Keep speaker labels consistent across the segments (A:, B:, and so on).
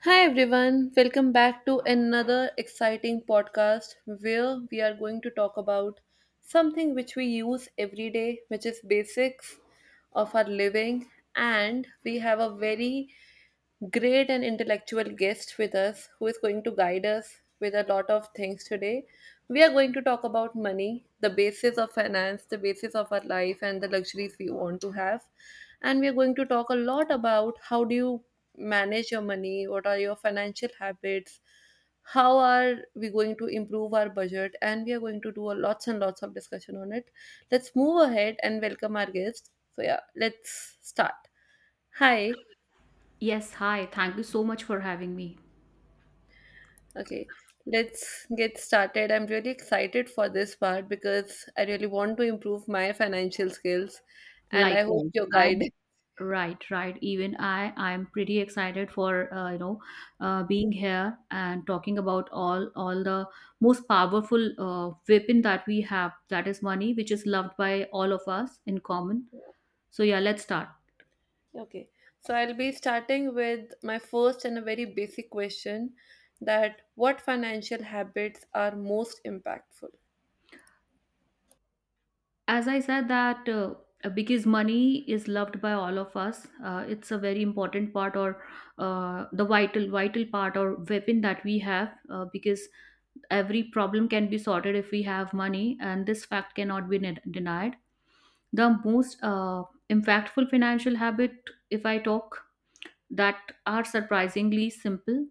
A: Hi everyone, welcome back to another exciting podcast where we are going to talk about something which we use every day, which is basics of our living, and we have a very great and intellectual guest with us who is going to guide us with a lot of things today. We are going to talk about money, the basis of finance, the basis of our life, and the luxuries we want to have. And we are going to talk a lot about how do you manage your money, what are your financial habits, how are we going to improve our budget, and we are going to do a lots and lots of discussion on it. Let's move ahead and welcome our guest. So yeah, let's start. Hi.
B: Yes, hi. Thank you so much for having me.
A: Okay, let's get started. I'm really excited for this part because I really want to improve my financial skills and I hope
B: Likewise.
A: your guide.
B: I'm right, right. Even I'm pretty excited for being here and talking about all the most powerful weapon that we have, that is money, which is loved by all of us in common. So yeah, let's start.
A: Okay, so I'll be starting with my first and a very basic question that what financial habits are most impactful?
B: As I said that because money is loved by all of us, it's a very important part or the vital part or weapon that we have, because every problem can be sorted if we have money, and this fact cannot be denied. The most impactful financial habit, if I talk, that are surprisingly simple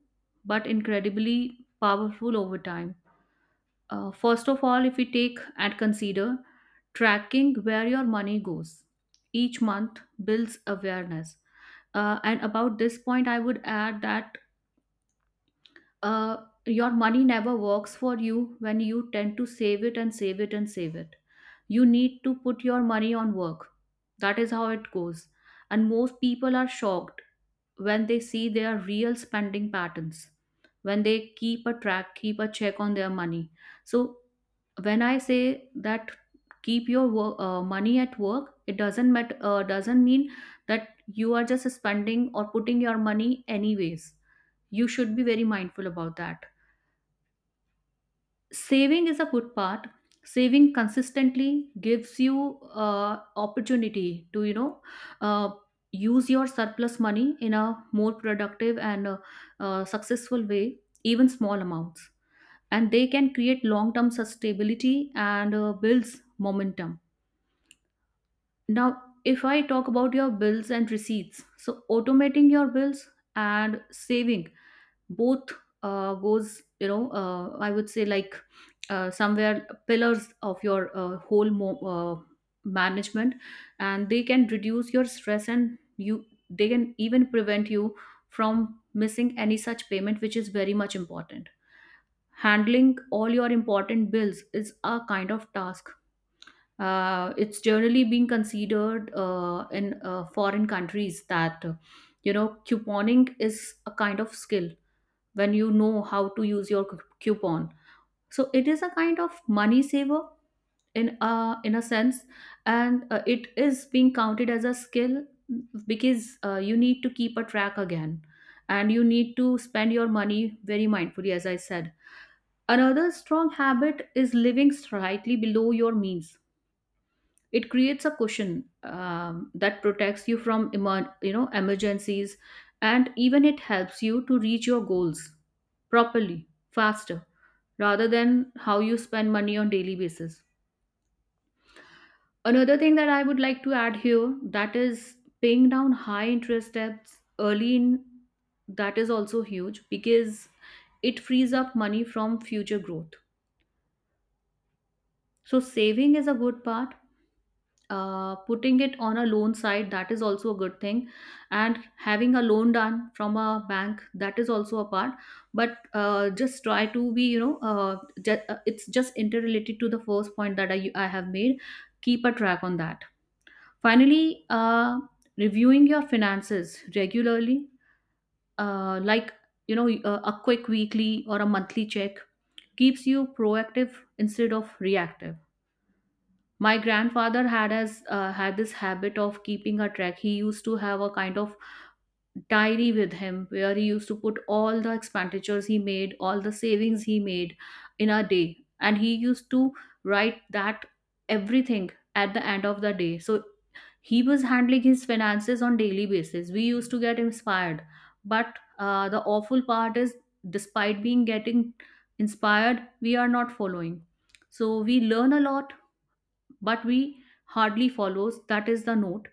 B: but incredibly powerful over time. First of all, if we take and consider tracking where your money goes each month, builds awareness. And about this point, I would add that your money never works for you when you tend to save it and save it and save it. You need to put your money on work. That is how it goes. And most people are shocked when they see their real spending patterns, when they keep a track, keep a check on their money. So when I say that keep your work, money at work, it doesn't mean that you are just spending or putting your money anyways. You should be very mindful about that. Saving is a good part. Saving consistently gives you opportunity to uh, use your surplus money in a more productive and successful way. Even small amounts, and they can create long term sustainability and builds momentum. Now, if I talk about your bills and receipts, so automating your bills and saving both goes, I would say like somewhere pillars of your whole management, and they can reduce your stress and you, they can even prevent you from missing any such payment, which is very much important. Handling all your important bills is a kind of task. It's generally being considered in foreign countries that you know, couponing is a kind of skill when you know how to use your coupon. So it is a kind of money saver in a sense, and it is being counted as a skill because you need to keep a track again, and you need to spend your money very mindfully, as I said. Another strong habit is living slightly below your means. It creates a cushion that protects you from emergencies, and even it helps you to reach your goals properly, faster, rather than how you spend money on daily basis. Another thing that I would like to add here, that is paying down high interest debts early in, that is also huge because it frees up money from future growth. So saving is a good part. Putting it on a loan side, that is also a good thing, and having a loan done from a bank, that is also a part. But just try to be it's just interrelated to the first point that I have made. Keep a track on that. Finally, reviewing your finances regularly, like, you know, a quick weekly or a monthly check, keeps you proactive instead of reactive. My grandfather had, as had this habit of keeping a track. He used to have a kind of diary with him where he used to put all the expenditures he made, all the savings he made in a day, and he used to write that everything at the end of the day. So he was handling his finances on daily basis. We used to get inspired, but the awful part is, despite being getting inspired, we are not following. So we learn a lot, but we hardly follows. That is the note.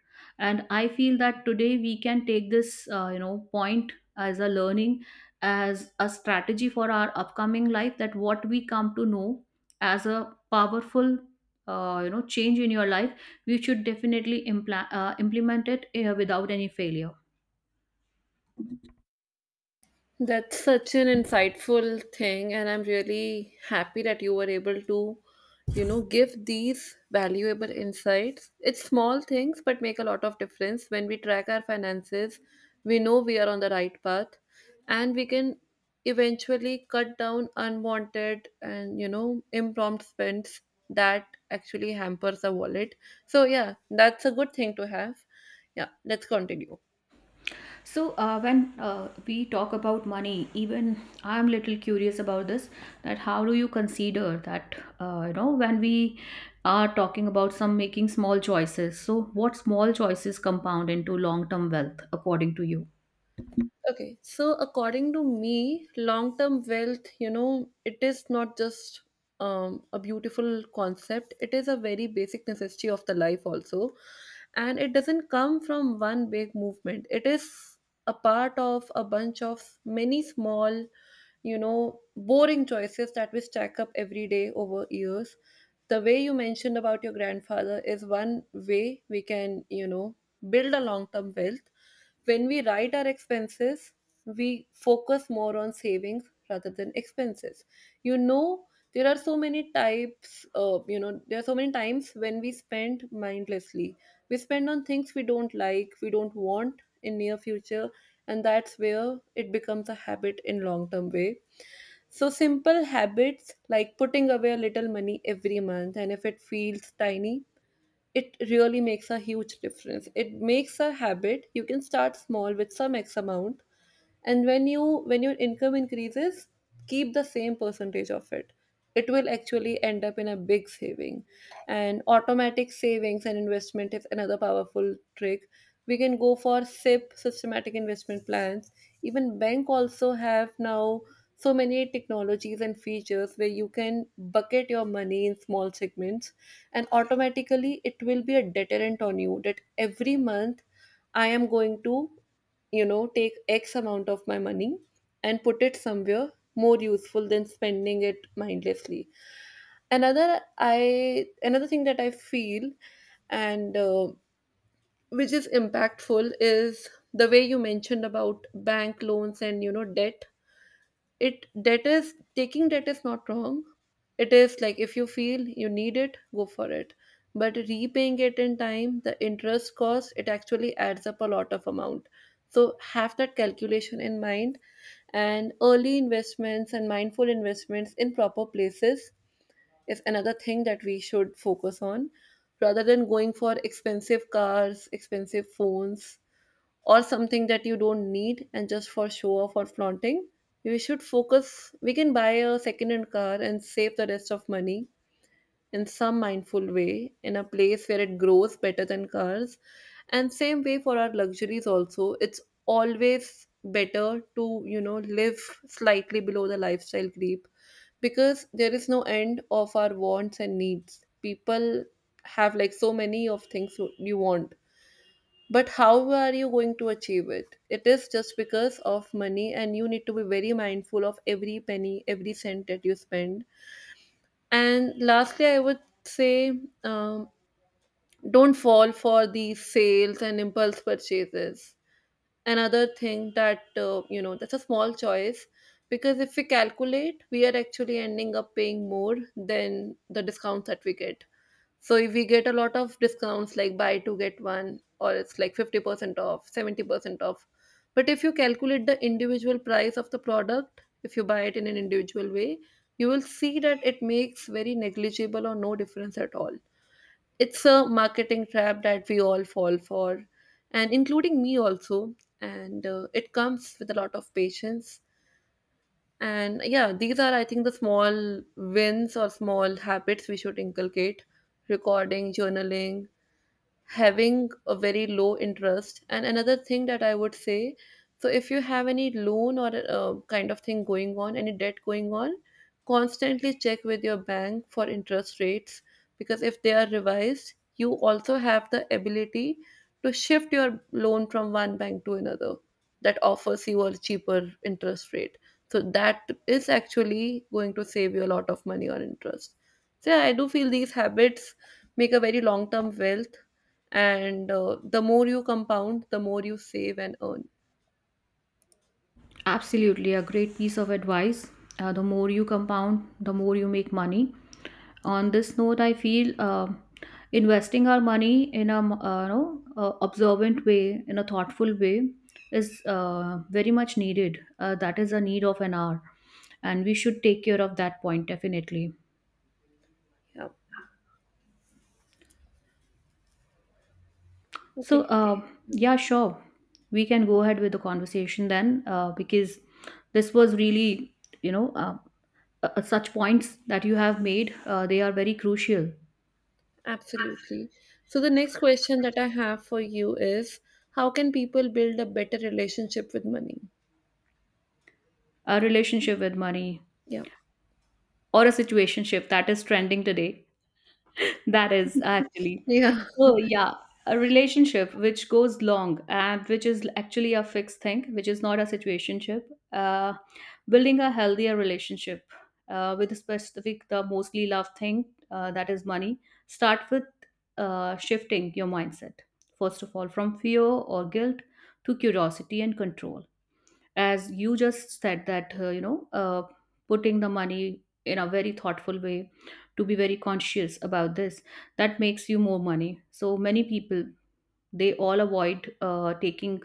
B: And I feel that today we can take this point as a learning, as a strategy for our upcoming life, that what we come to know as a powerful change in your life, you should definitely implement it without any failure.
A: That's such an insightful thing, and I'm really happy that you were able to, you know, give these valuable insights. It's small things, but make a lot of difference. When we track our finances, we know we are on the right path, and we can eventually cut down unwanted and, you know, impromptu spends that actually hampers our wallet. So, yeah, that's a good thing to have. Yeah, let's continue.
B: So when we talk about money, even I'm little curious about this, that how do you consider that, you know, when we are talking about some making small choices, so what small choices compound into long term wealth, according to you?
A: Okay, so according to me, long term wealth, you know, it is not just a beautiful concept, it is a very basic necessity of the life, also. And it doesn't come from one big movement, it is a part of a bunch of many small, you know, boring choices that we stack up every day over years. The way you mentioned about your grandfather is one way we can, you know, build a long term wealth when we write our expenses, we focus more on savings rather than expenses. You know, there are so many types, you know, there are so many times when we spend mindlessly. We spend on things we don't like, we don't want in near future, and that's where it becomes a habit in long term way. So simple habits like putting away a little money every month, and if it feels tiny, it really makes a huge difference. It makes a habit. You can start small with some X amount, and when your income increases, keep the same percentage of it. It will actually end up in a big saving. And automatic savings and investment is another powerful trick. We can go for SIP systematic investment plans. Even bank also have now so many technologies and features where you can bucket your money in small segments, and automatically it will be a deterrent on you that every month I am going to, you know, take X amount of my money and put it somewhere more useful than spending it mindlessly. Another thing that I feel, and which is impactful is the way you mentioned about bank loans and, you know, debt. It, that is taking, that is not wrong. It is like if you feel you need it, go for it. But repaying it in time, the interest cost, it actually adds up a lot of amount. So have that calculation in mind, and early investments and mindful investments in proper places is another thing that we should focus on, rather than going for expensive cars, expensive phones, or something that you don't need and just for show off or flaunting. We should focus, we can buy a second hand car and save the rest of money in some mindful way in a place where it grows better than cars. And same way for our luxuries also, it's always better to, you know, live slightly below the lifestyle creep, because there is no end of our wants and needs. People have like so many of things you want, but how are you going to achieve it? It is just because of money, and you need to be very mindful of every penny, every cent that you spend. And lastly, I would say, um, don't fall for these sales and impulse purchases. Another thing that, you know, that's a small choice, because if we calculate, we are actually ending up paying more than the discounts that we get. So if we get a lot of discounts like buy two get one, or it's like 50% off, 70% off, but if you calculate the individual price of the product, if you buy it in an individual way, you will see that it makes very negligible or no difference at all. It's a marketing trap that we all fall for, and including me also. And it comes with a lot of patience. And yeah, these are I think the small wins or small habits we should inculcate: recording, journaling, having a very low interest. And another thing that I would say, so if you have any loan or kind of thing going on, any debt going on, constantly check with your bank for interest rates, because if they are revised, you also have the ability to shift your loan from one bank to another that offers you a cheaper interest rate. So that is actually going to save you a lot of money on interest. So yeah, I do feel these habits make a very long term wealth, and the more you compound, the more you save and earn.
B: Absolutely, a great piece of advice. The more you compound, the more you make money. On this note, I feel investing our money in a observant way, in a thoughtful way, is very much needed. That is a need of an hour, and we should take care of that point definitely.
A: Yeah.
B: So,
A: Okay.
B: yeah, sure. We can go ahead with the conversation then, because this was really, you know, uh, such points that you have made, they are very crucial.
A: Absolutely. So the next question that I have for you is, how can people build a better relationship with money?
B: A relationship with money
A: Yeah.
B: or a situationship that is trending today, that is actually.
A: Yeah.
B: Oh, yeah. A relationship which goes long and which is actually a fixed thing, which is not a situationship. Uh, Building a healthier relationship with a specific, the mostly loved thing, that is money. Start with shifting your mindset, first of all, from fear or guilt to curiosity and control. As you just said that, putting the money in a very thoughtful way, to be very conscious about this, that makes you more money. So many people, they all avoid taking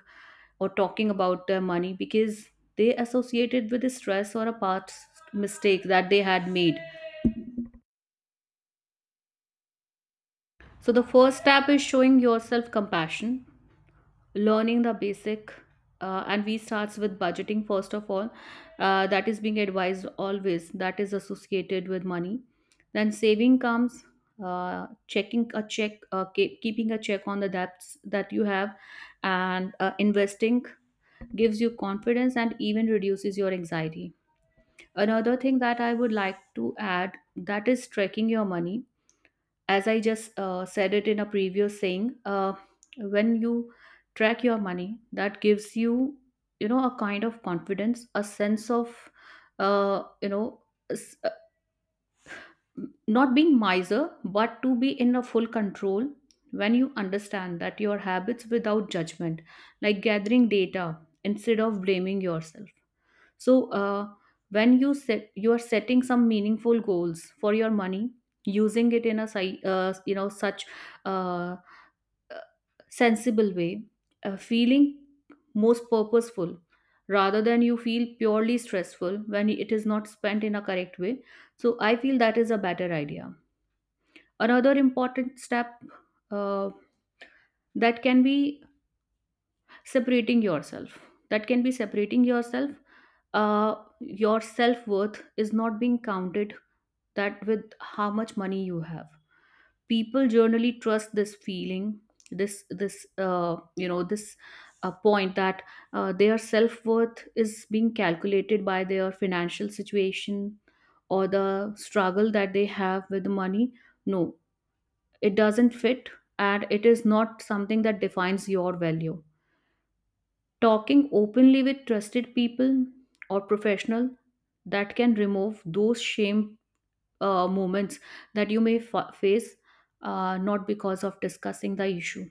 B: or talking about their money because they associate it with the stress or a past mistake that they had made. So the first step is showing yourself compassion, learning the basic, and we starts with budgeting first of all, that is being advised always, that is associated with money. Then saving comes, checking a check ke- keeping a check on the debts that you have, and investing gives you confidence and even reduces your anxiety. Another thing that I would like to add, that is tracking your money, as I just said it in a previous saying, when you track your money, that gives you, you know, a kind of confidence, a sense of, uh, you know, s- uh, not being miser, but to be in a full control. When you understand that your habits without judgment, like gathering data instead of blaming yourself. So when you are setting some meaningful goals for your money, using it in a such uh, uh, sensible way, feeling most purposeful rather than you feel purely stressful when it is not spent in a correct way. So I feel that is a better idea. Another important step, uh, that can be separating yourself, that can be separating yourself uh, your self-worth is not being counted that with how much money you have. People generally trust this feeling, this point that their self-worth is being calculated by their financial situation or the struggle that they have with money. No, it doesn't fit, and it is not something that defines your value. Talking openly with trusted people or professional, that can remove those shame moments that you may face, not because of discussing the issue.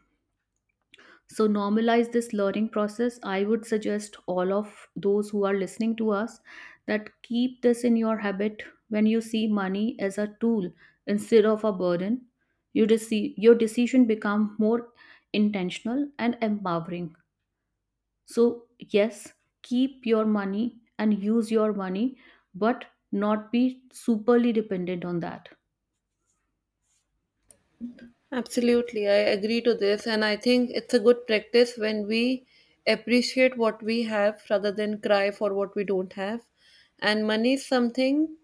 B: So normalize this learning process. I would suggest all of those who are listening to us, that keep this in your habit, when you see money as a tool instead of a burden. Your decision become more intentional and empowering. So, yes, keep your money and use your money, but not be superly dependent on that.
A: Absolutely, I agree to this, and I think it's a good practice when we appreciate what we have rather than cry for what we don't have. And money is something,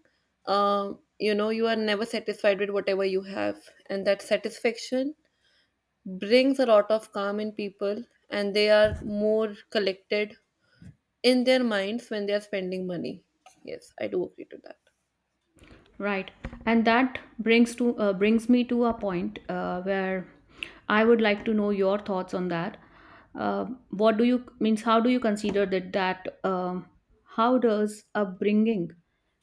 A: you know, you are never satisfied with whatever you have, and that satisfaction brings a lot of calm in people, and they are more collected in their minds when they are spending money. Yes, I do agree to that.
B: Right. And that brings to, brings me to a point where I would like to know your thoughts on that. Uh, what do you means? How do you consider that that how does upbringing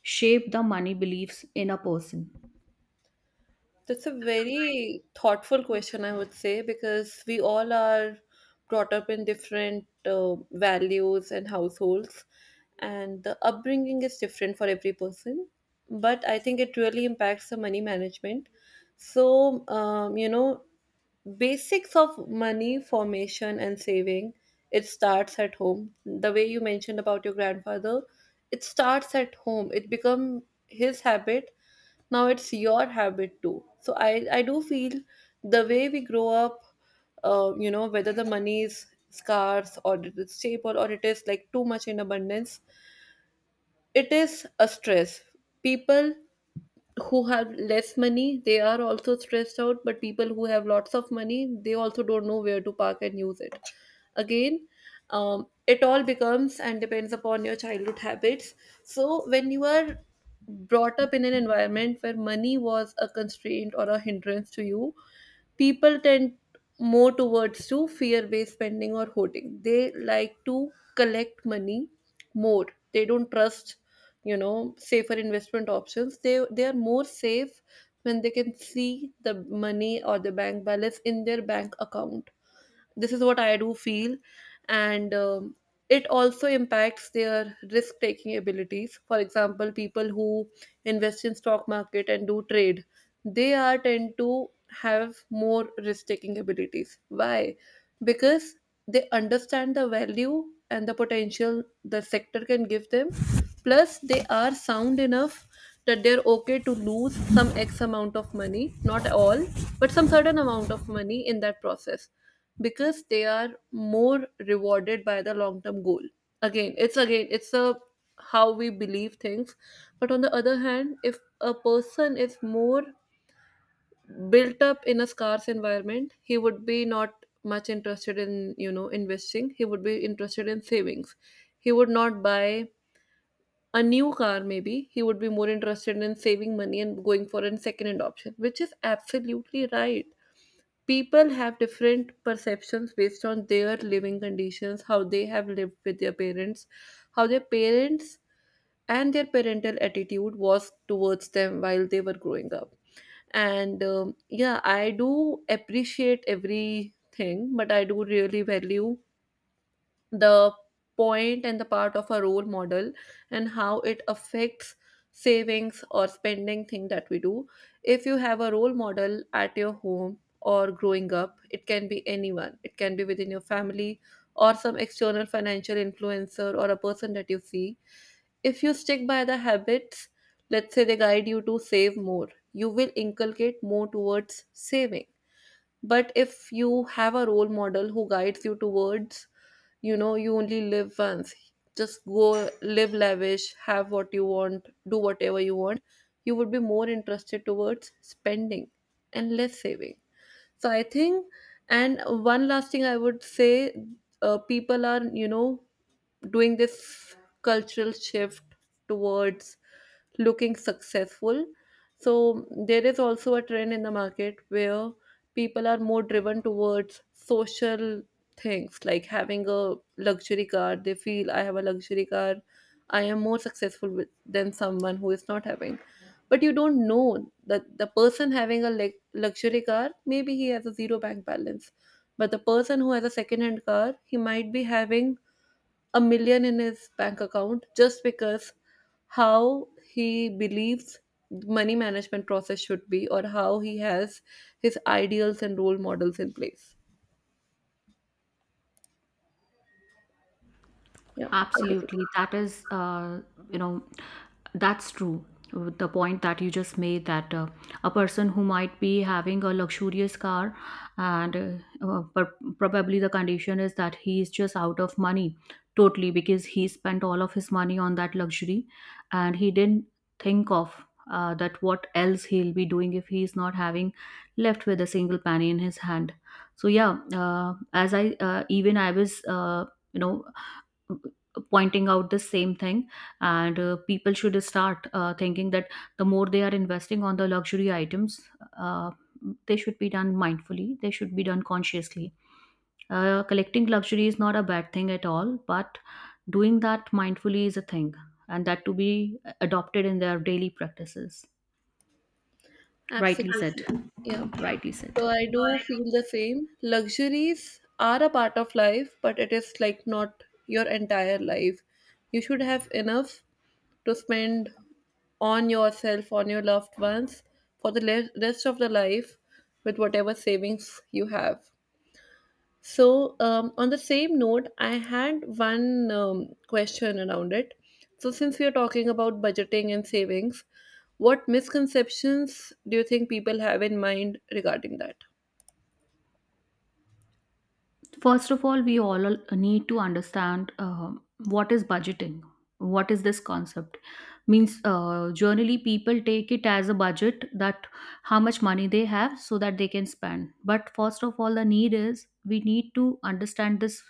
B: shape the money beliefs in a person?
A: That's a very thoughtful question, I would say, because we all are brought up in different values and households, and the upbringing is different for every person. But I think it really impacts the money management. So, you know, basics of money formation and saving, it starts at home. The way you mentioned about your grandfather, it starts at home, it become his habit, now it's your habit too. So I do feel the way we grow up, you know, whether the money is scarce or it is stable or it is like too much in abundance, it is a stress. People who have less money, they are also stressed out, but people who have lots of money, they also don't know where to park and use it. Again, it all becomes and depends upon your childhood habits. So when you are brought up in an environment where money was a constraint or a hindrance to you, people tend more towards to fear-based spending or hoarding. They like to collect money more. They don't trust, you know, safer investment options. They are more safe when they can see the money or the bank balance in their bank account. This is what I do feel, and it also impacts their risk taking abilities. For example, people who invest in stock market and do trade, they are tend to have more risk taking abilities. Why? Because they understand the value and the potential the sector can give them. Plus, they are sound enough that they're okay to lose some X amount of money, not all, but some certain amount of money in that process because they are more rewarded by the long term goal. Again it's again it's a how we believe things. But on the other hand, if a person is more built up in a scarce environment, he would be not much interested in investing. He would be interested in savings. He would not buy a new car. Maybe he would be more interested in saving money and going for a second hand option, which is absolutely right. People have different perceptions based on their living conditions, how they have lived with their parents, how their parents and their parental attitude was towards them while they were growing up. And um, yeah, I do appreciate everything, but I do really value the point and the part of a role model and how it affects savings or spending thing that we do. If you have a role model at your home or growing up, it can be anyone, it can be within your family or some external financial influencer or a person that you see. If you stick by the habits, let's say they guide you to save more, you will inculcate more towards saving. But if you have a role model who guides you towards, you know, you only live once, just go live lavish, have what you want, do whatever you want, you would be more interested towards spending and less saving. So I think, and one last thing I would say, people are, you know, doing this cultural shift towards looking successful. So there is also a trend in the market where people are more driven towards social things, like having a luxury car. They feel I have a luxury car, I am more successful with, than someone who is not having. But you don't know that the person having a luxury car, maybe he has a zero bank balance. But the person who has a second hand car, he might be having a million in his bank account, just because how he believes money management process should be, or how he has his ideals and role models in place. Yeah,
B: Absolutely.
A: absolutely.
B: That is, you know, that's true. The point that you just made, that a person who might be having a luxurious car and but probably the condition is that he is just out of money totally, because he spent all of his money on that luxury, and he didn't think of that what else he'll be doing if he's not having left with a single penny in his hand. So yeah, as I even I was you know pointing out the same thing, and people should start thinking that the more they are investing on the luxury items, uh, they should be done mindfully, they should be done consciously. Collecting luxury is not a bad thing at all, but doing that mindfully is a thing, and that to be adopted in their daily practices. Rightly said.
A: Absolutely. Yeah,
B: Rightly said.
A: so I do feel the same. Luxuries are a part of life, but it is like not your entire life. You should have enough to spend on yourself, on your loved ones, for the rest of the life with whatever savings you have. So, on the same note, I had one question around it. So, since we are talking about budgeting and savings, what misconceptions do you think people have in mind regarding that?
B: First of all, we need to understand what is budgeting. What is this concept? Means Generally people take it as a budget that how much money they have so that they can spend. But first of all, the need is we need to understand this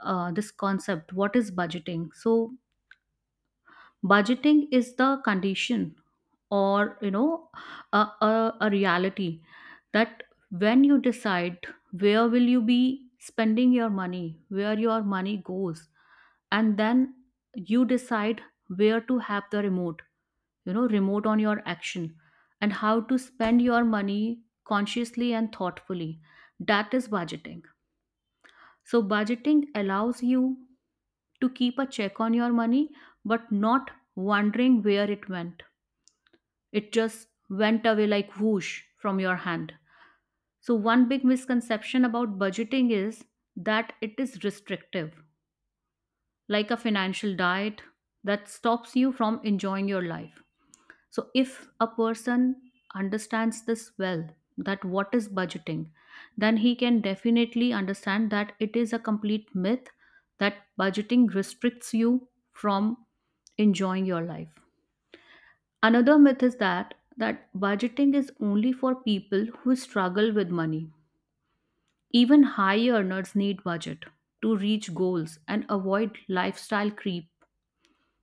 B: uh, this concept. What is budgeting? So budgeting is the condition, or you know, a reality that when you decide where will you be spending your money, where your money goes, and then you decide where to have the remote, you know, remote on your action, and how to spend your money consciously and thoughtfully. That is budgeting. So budgeting allows you to keep a check on your money, but not wondering where it went, it just went away like whoosh from your hand. So, one big misconception about budgeting is that it is restrictive, like a financial diet that stops you from enjoying your life. So, if a person understands this well, that what is budgeting, then he can definitely understand that it is a complete myth that budgeting restricts you from enjoying your life. Another myth is that budgeting is only for people who struggle with money. Even high earners need budget to reach goals and avoid lifestyle creep.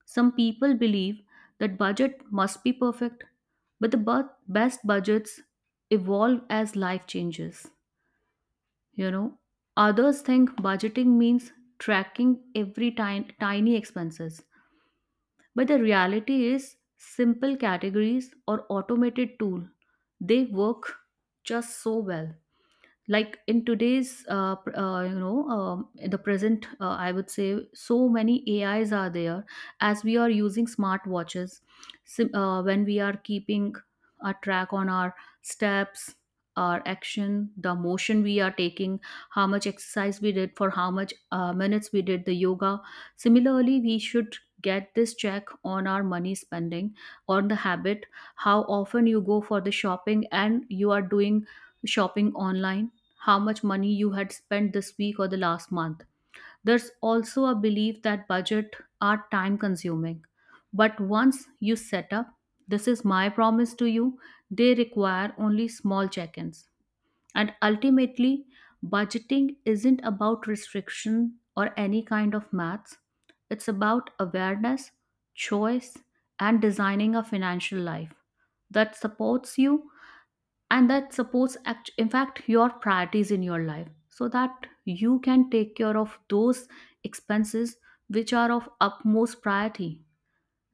B: Some people believe that budget must be perfect, but best budgets evolve as life changes. You know, others think budgeting means tracking tiny expenses, but the reality is simple categories or automated tool, they work just so well. Like in today's pr- you know in the present, I would say so many AIs are there, as we are using smartwatches. When we are keeping a track on our steps, our action, the motion we are taking, how much exercise we did, for how much minutes we did the yoga, similarly we should get this check on our money spending, on the habit, how often you go for the shopping, and you are doing shopping online, how much money you had spent this week or the last month. There's also a belief that budget are time consuming. But once you set up, this is my promise to you, they require only small check ins. And ultimately, budgeting isn't about restriction or any kind of maths, it's about awareness, choice, and designing a financial life that supports you, and that in fact your priorities in your life, so that you can take care of those expenses which are of utmost priority,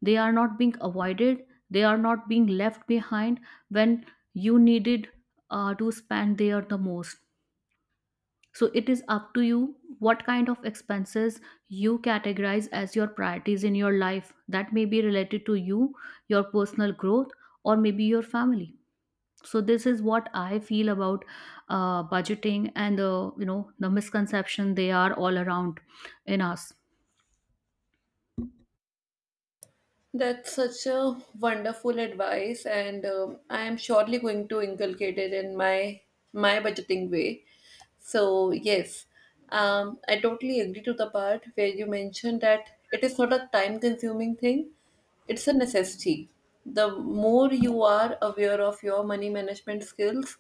B: they are not being avoided, they are not being left behind when you needed to spend there the most. So it is up to you what kind of expenses you categorize as your priorities in your life, that may be related to you, your personal growth, or maybe your family. So this is what I feel about budgeting and the, you know, the misconception they are all around in us.
A: That's such a wonderful advice, and I am surely going to inculcate it in my budgeting way. So yes, I totally agree to the part where you mentioned that it is not a time-consuming thing; it's a necessity. The more you are aware of your money management skills,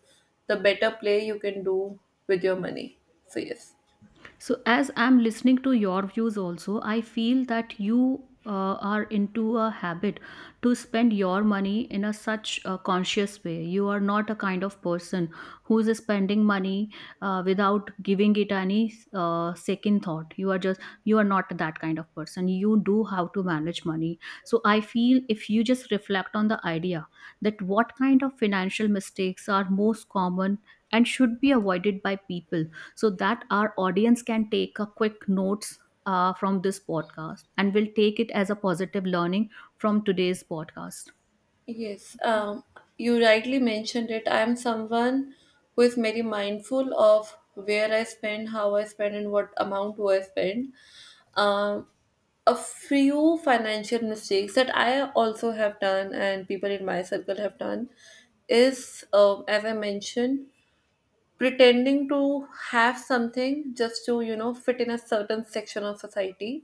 A: the better play you can do with your money. So yes.
B: So, as I'm listening to your views, also, I feel that you are into a habit to spend your money in a such a conscious way. You are not a kind of person who is spending money without giving it any second thought. You are just you are not that kind of person. You do how to manage money. So, I feel if you just reflect on the idea that what kind of financial mistakes are most common and should be avoided by people, so that our audience can take a quick notes from this podcast and will take it as a positive learning from today's podcast.
A: Yes, you rightly mentioned it. I am someone who is very mindful of where I spend, how I spend, and what amount do I spend. Um, a few financial mistakes that I also have done, and people in my circle have done, is, as I mentioned, pretending to have something just to, you know, fit in a certain section of society.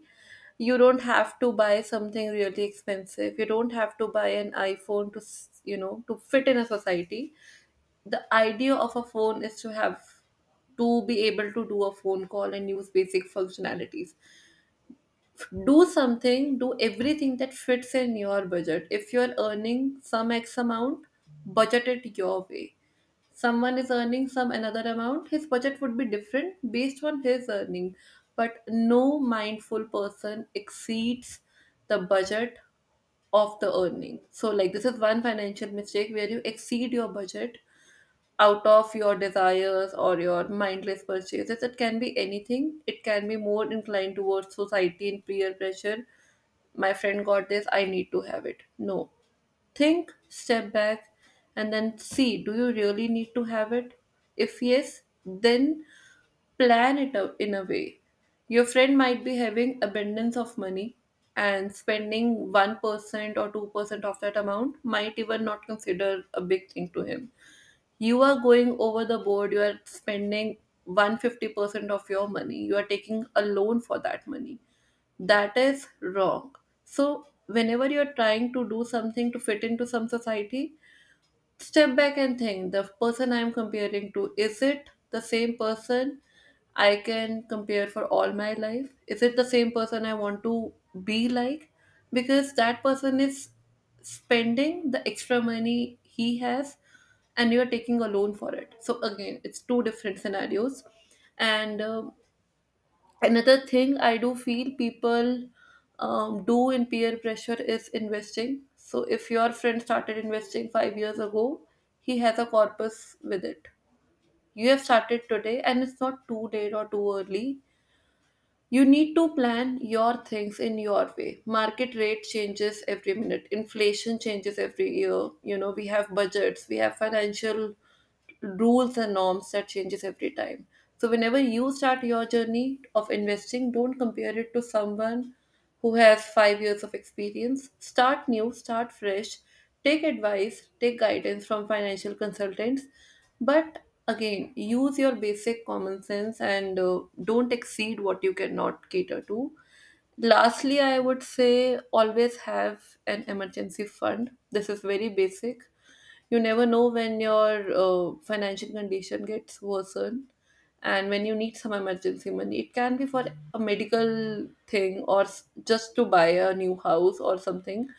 A: You don't have to buy something really expensive. You don't have to buy an iPhone to you know, to fit in a society. The idea of a phone is to have, to be able to do a phone call and use basic functionalities. Do something, do everything that fits in your budget. If you're earning some X amount, budget it your way. Someone is earning some another amount, his budget would be different based on his earning. But no mindful person exceeds the budget of the earning. So like this is one financial mistake where you exceed your budget out of your desires or your mindless purchases. It can be anything, it can be more inclined towards society and peer pressure. My friend got this, I need to have it. No. Think, step back, and then see, do you really need to have it? If yes, then plan it out in a way. Your friend might be having abundance of money, and spending 1% or 2% of that amount might even not consider a big thing to him. You are going over the board, you are spending 150% of your money, you are taking a loan for that money. That is wrong. So whenever you're trying to do something to fit into some society, step back and think, the person I'm comparing to, is it the same person I can compare for all my life? Is it the same person I want to be like? Because that person is spending the extra money he has, and you're taking a loan for it. So again, it's two different scenarios. And Another thing I do feel people do in peer pressure is investing. So if your friend started investing 5 years ago, he has a corpus with it. You have started today, and it's not too late or too early. You need to plan your things in your way. Market rate changes every minute. Inflation changes every year. You know, we have budgets, we have financial rules and norms that changes every time. So whenever you start your journey of investing, don't compare it to someone who has 5 years of experience. Start new, start fresh. Take advice, take guidance from financial consultants. But again, use your basic common sense, and don't exceed what you cannot cater to. Lastly, I would say, always have an emergency fund. This is very basic. You never know when your financial condition gets worsened, and when you need some emergency money. It can be for a medical thing, or just to buy a new house or something.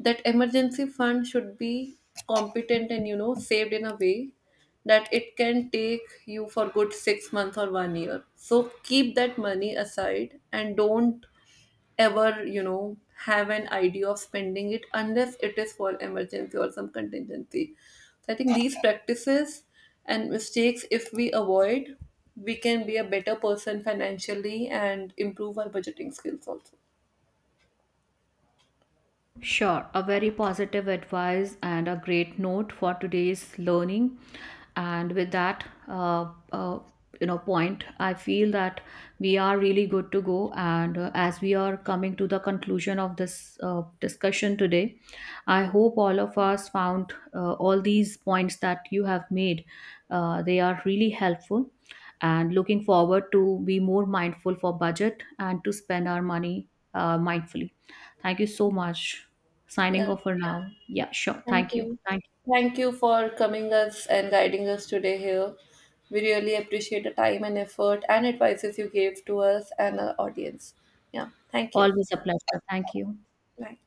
A: That emergency fund should be competent and, you know, saved in a way that it can take you for good 6 months or 1 year. So keep that money aside and don't ever, you know, have an idea of spending it unless it is for emergency or some contingency. So I think these practices and mistakes, if we avoid, we can be a better person financially and improve our budgeting skills also.
B: Sure, a very positive advice and a great note for today's learning. And with that, point, I feel that we are really good to go. And as we are coming to the conclusion of this discussion today, I hope all of us found all these points that you have made. They are really helpful. And looking forward to be more mindful for budget and to spend our money mindfully. Thank you so much. Signing
A: Yeah,
B: off for now. Yeah, sure.
A: thank
B: Thank you.
A: you.
B: Thank you.
A: Thank you for coming us and guiding us today here. We really appreciate the time and effort and advices you gave to us and our audience. Yeah, thank you.
B: Always a pleasure. Thank you.
A: Bye.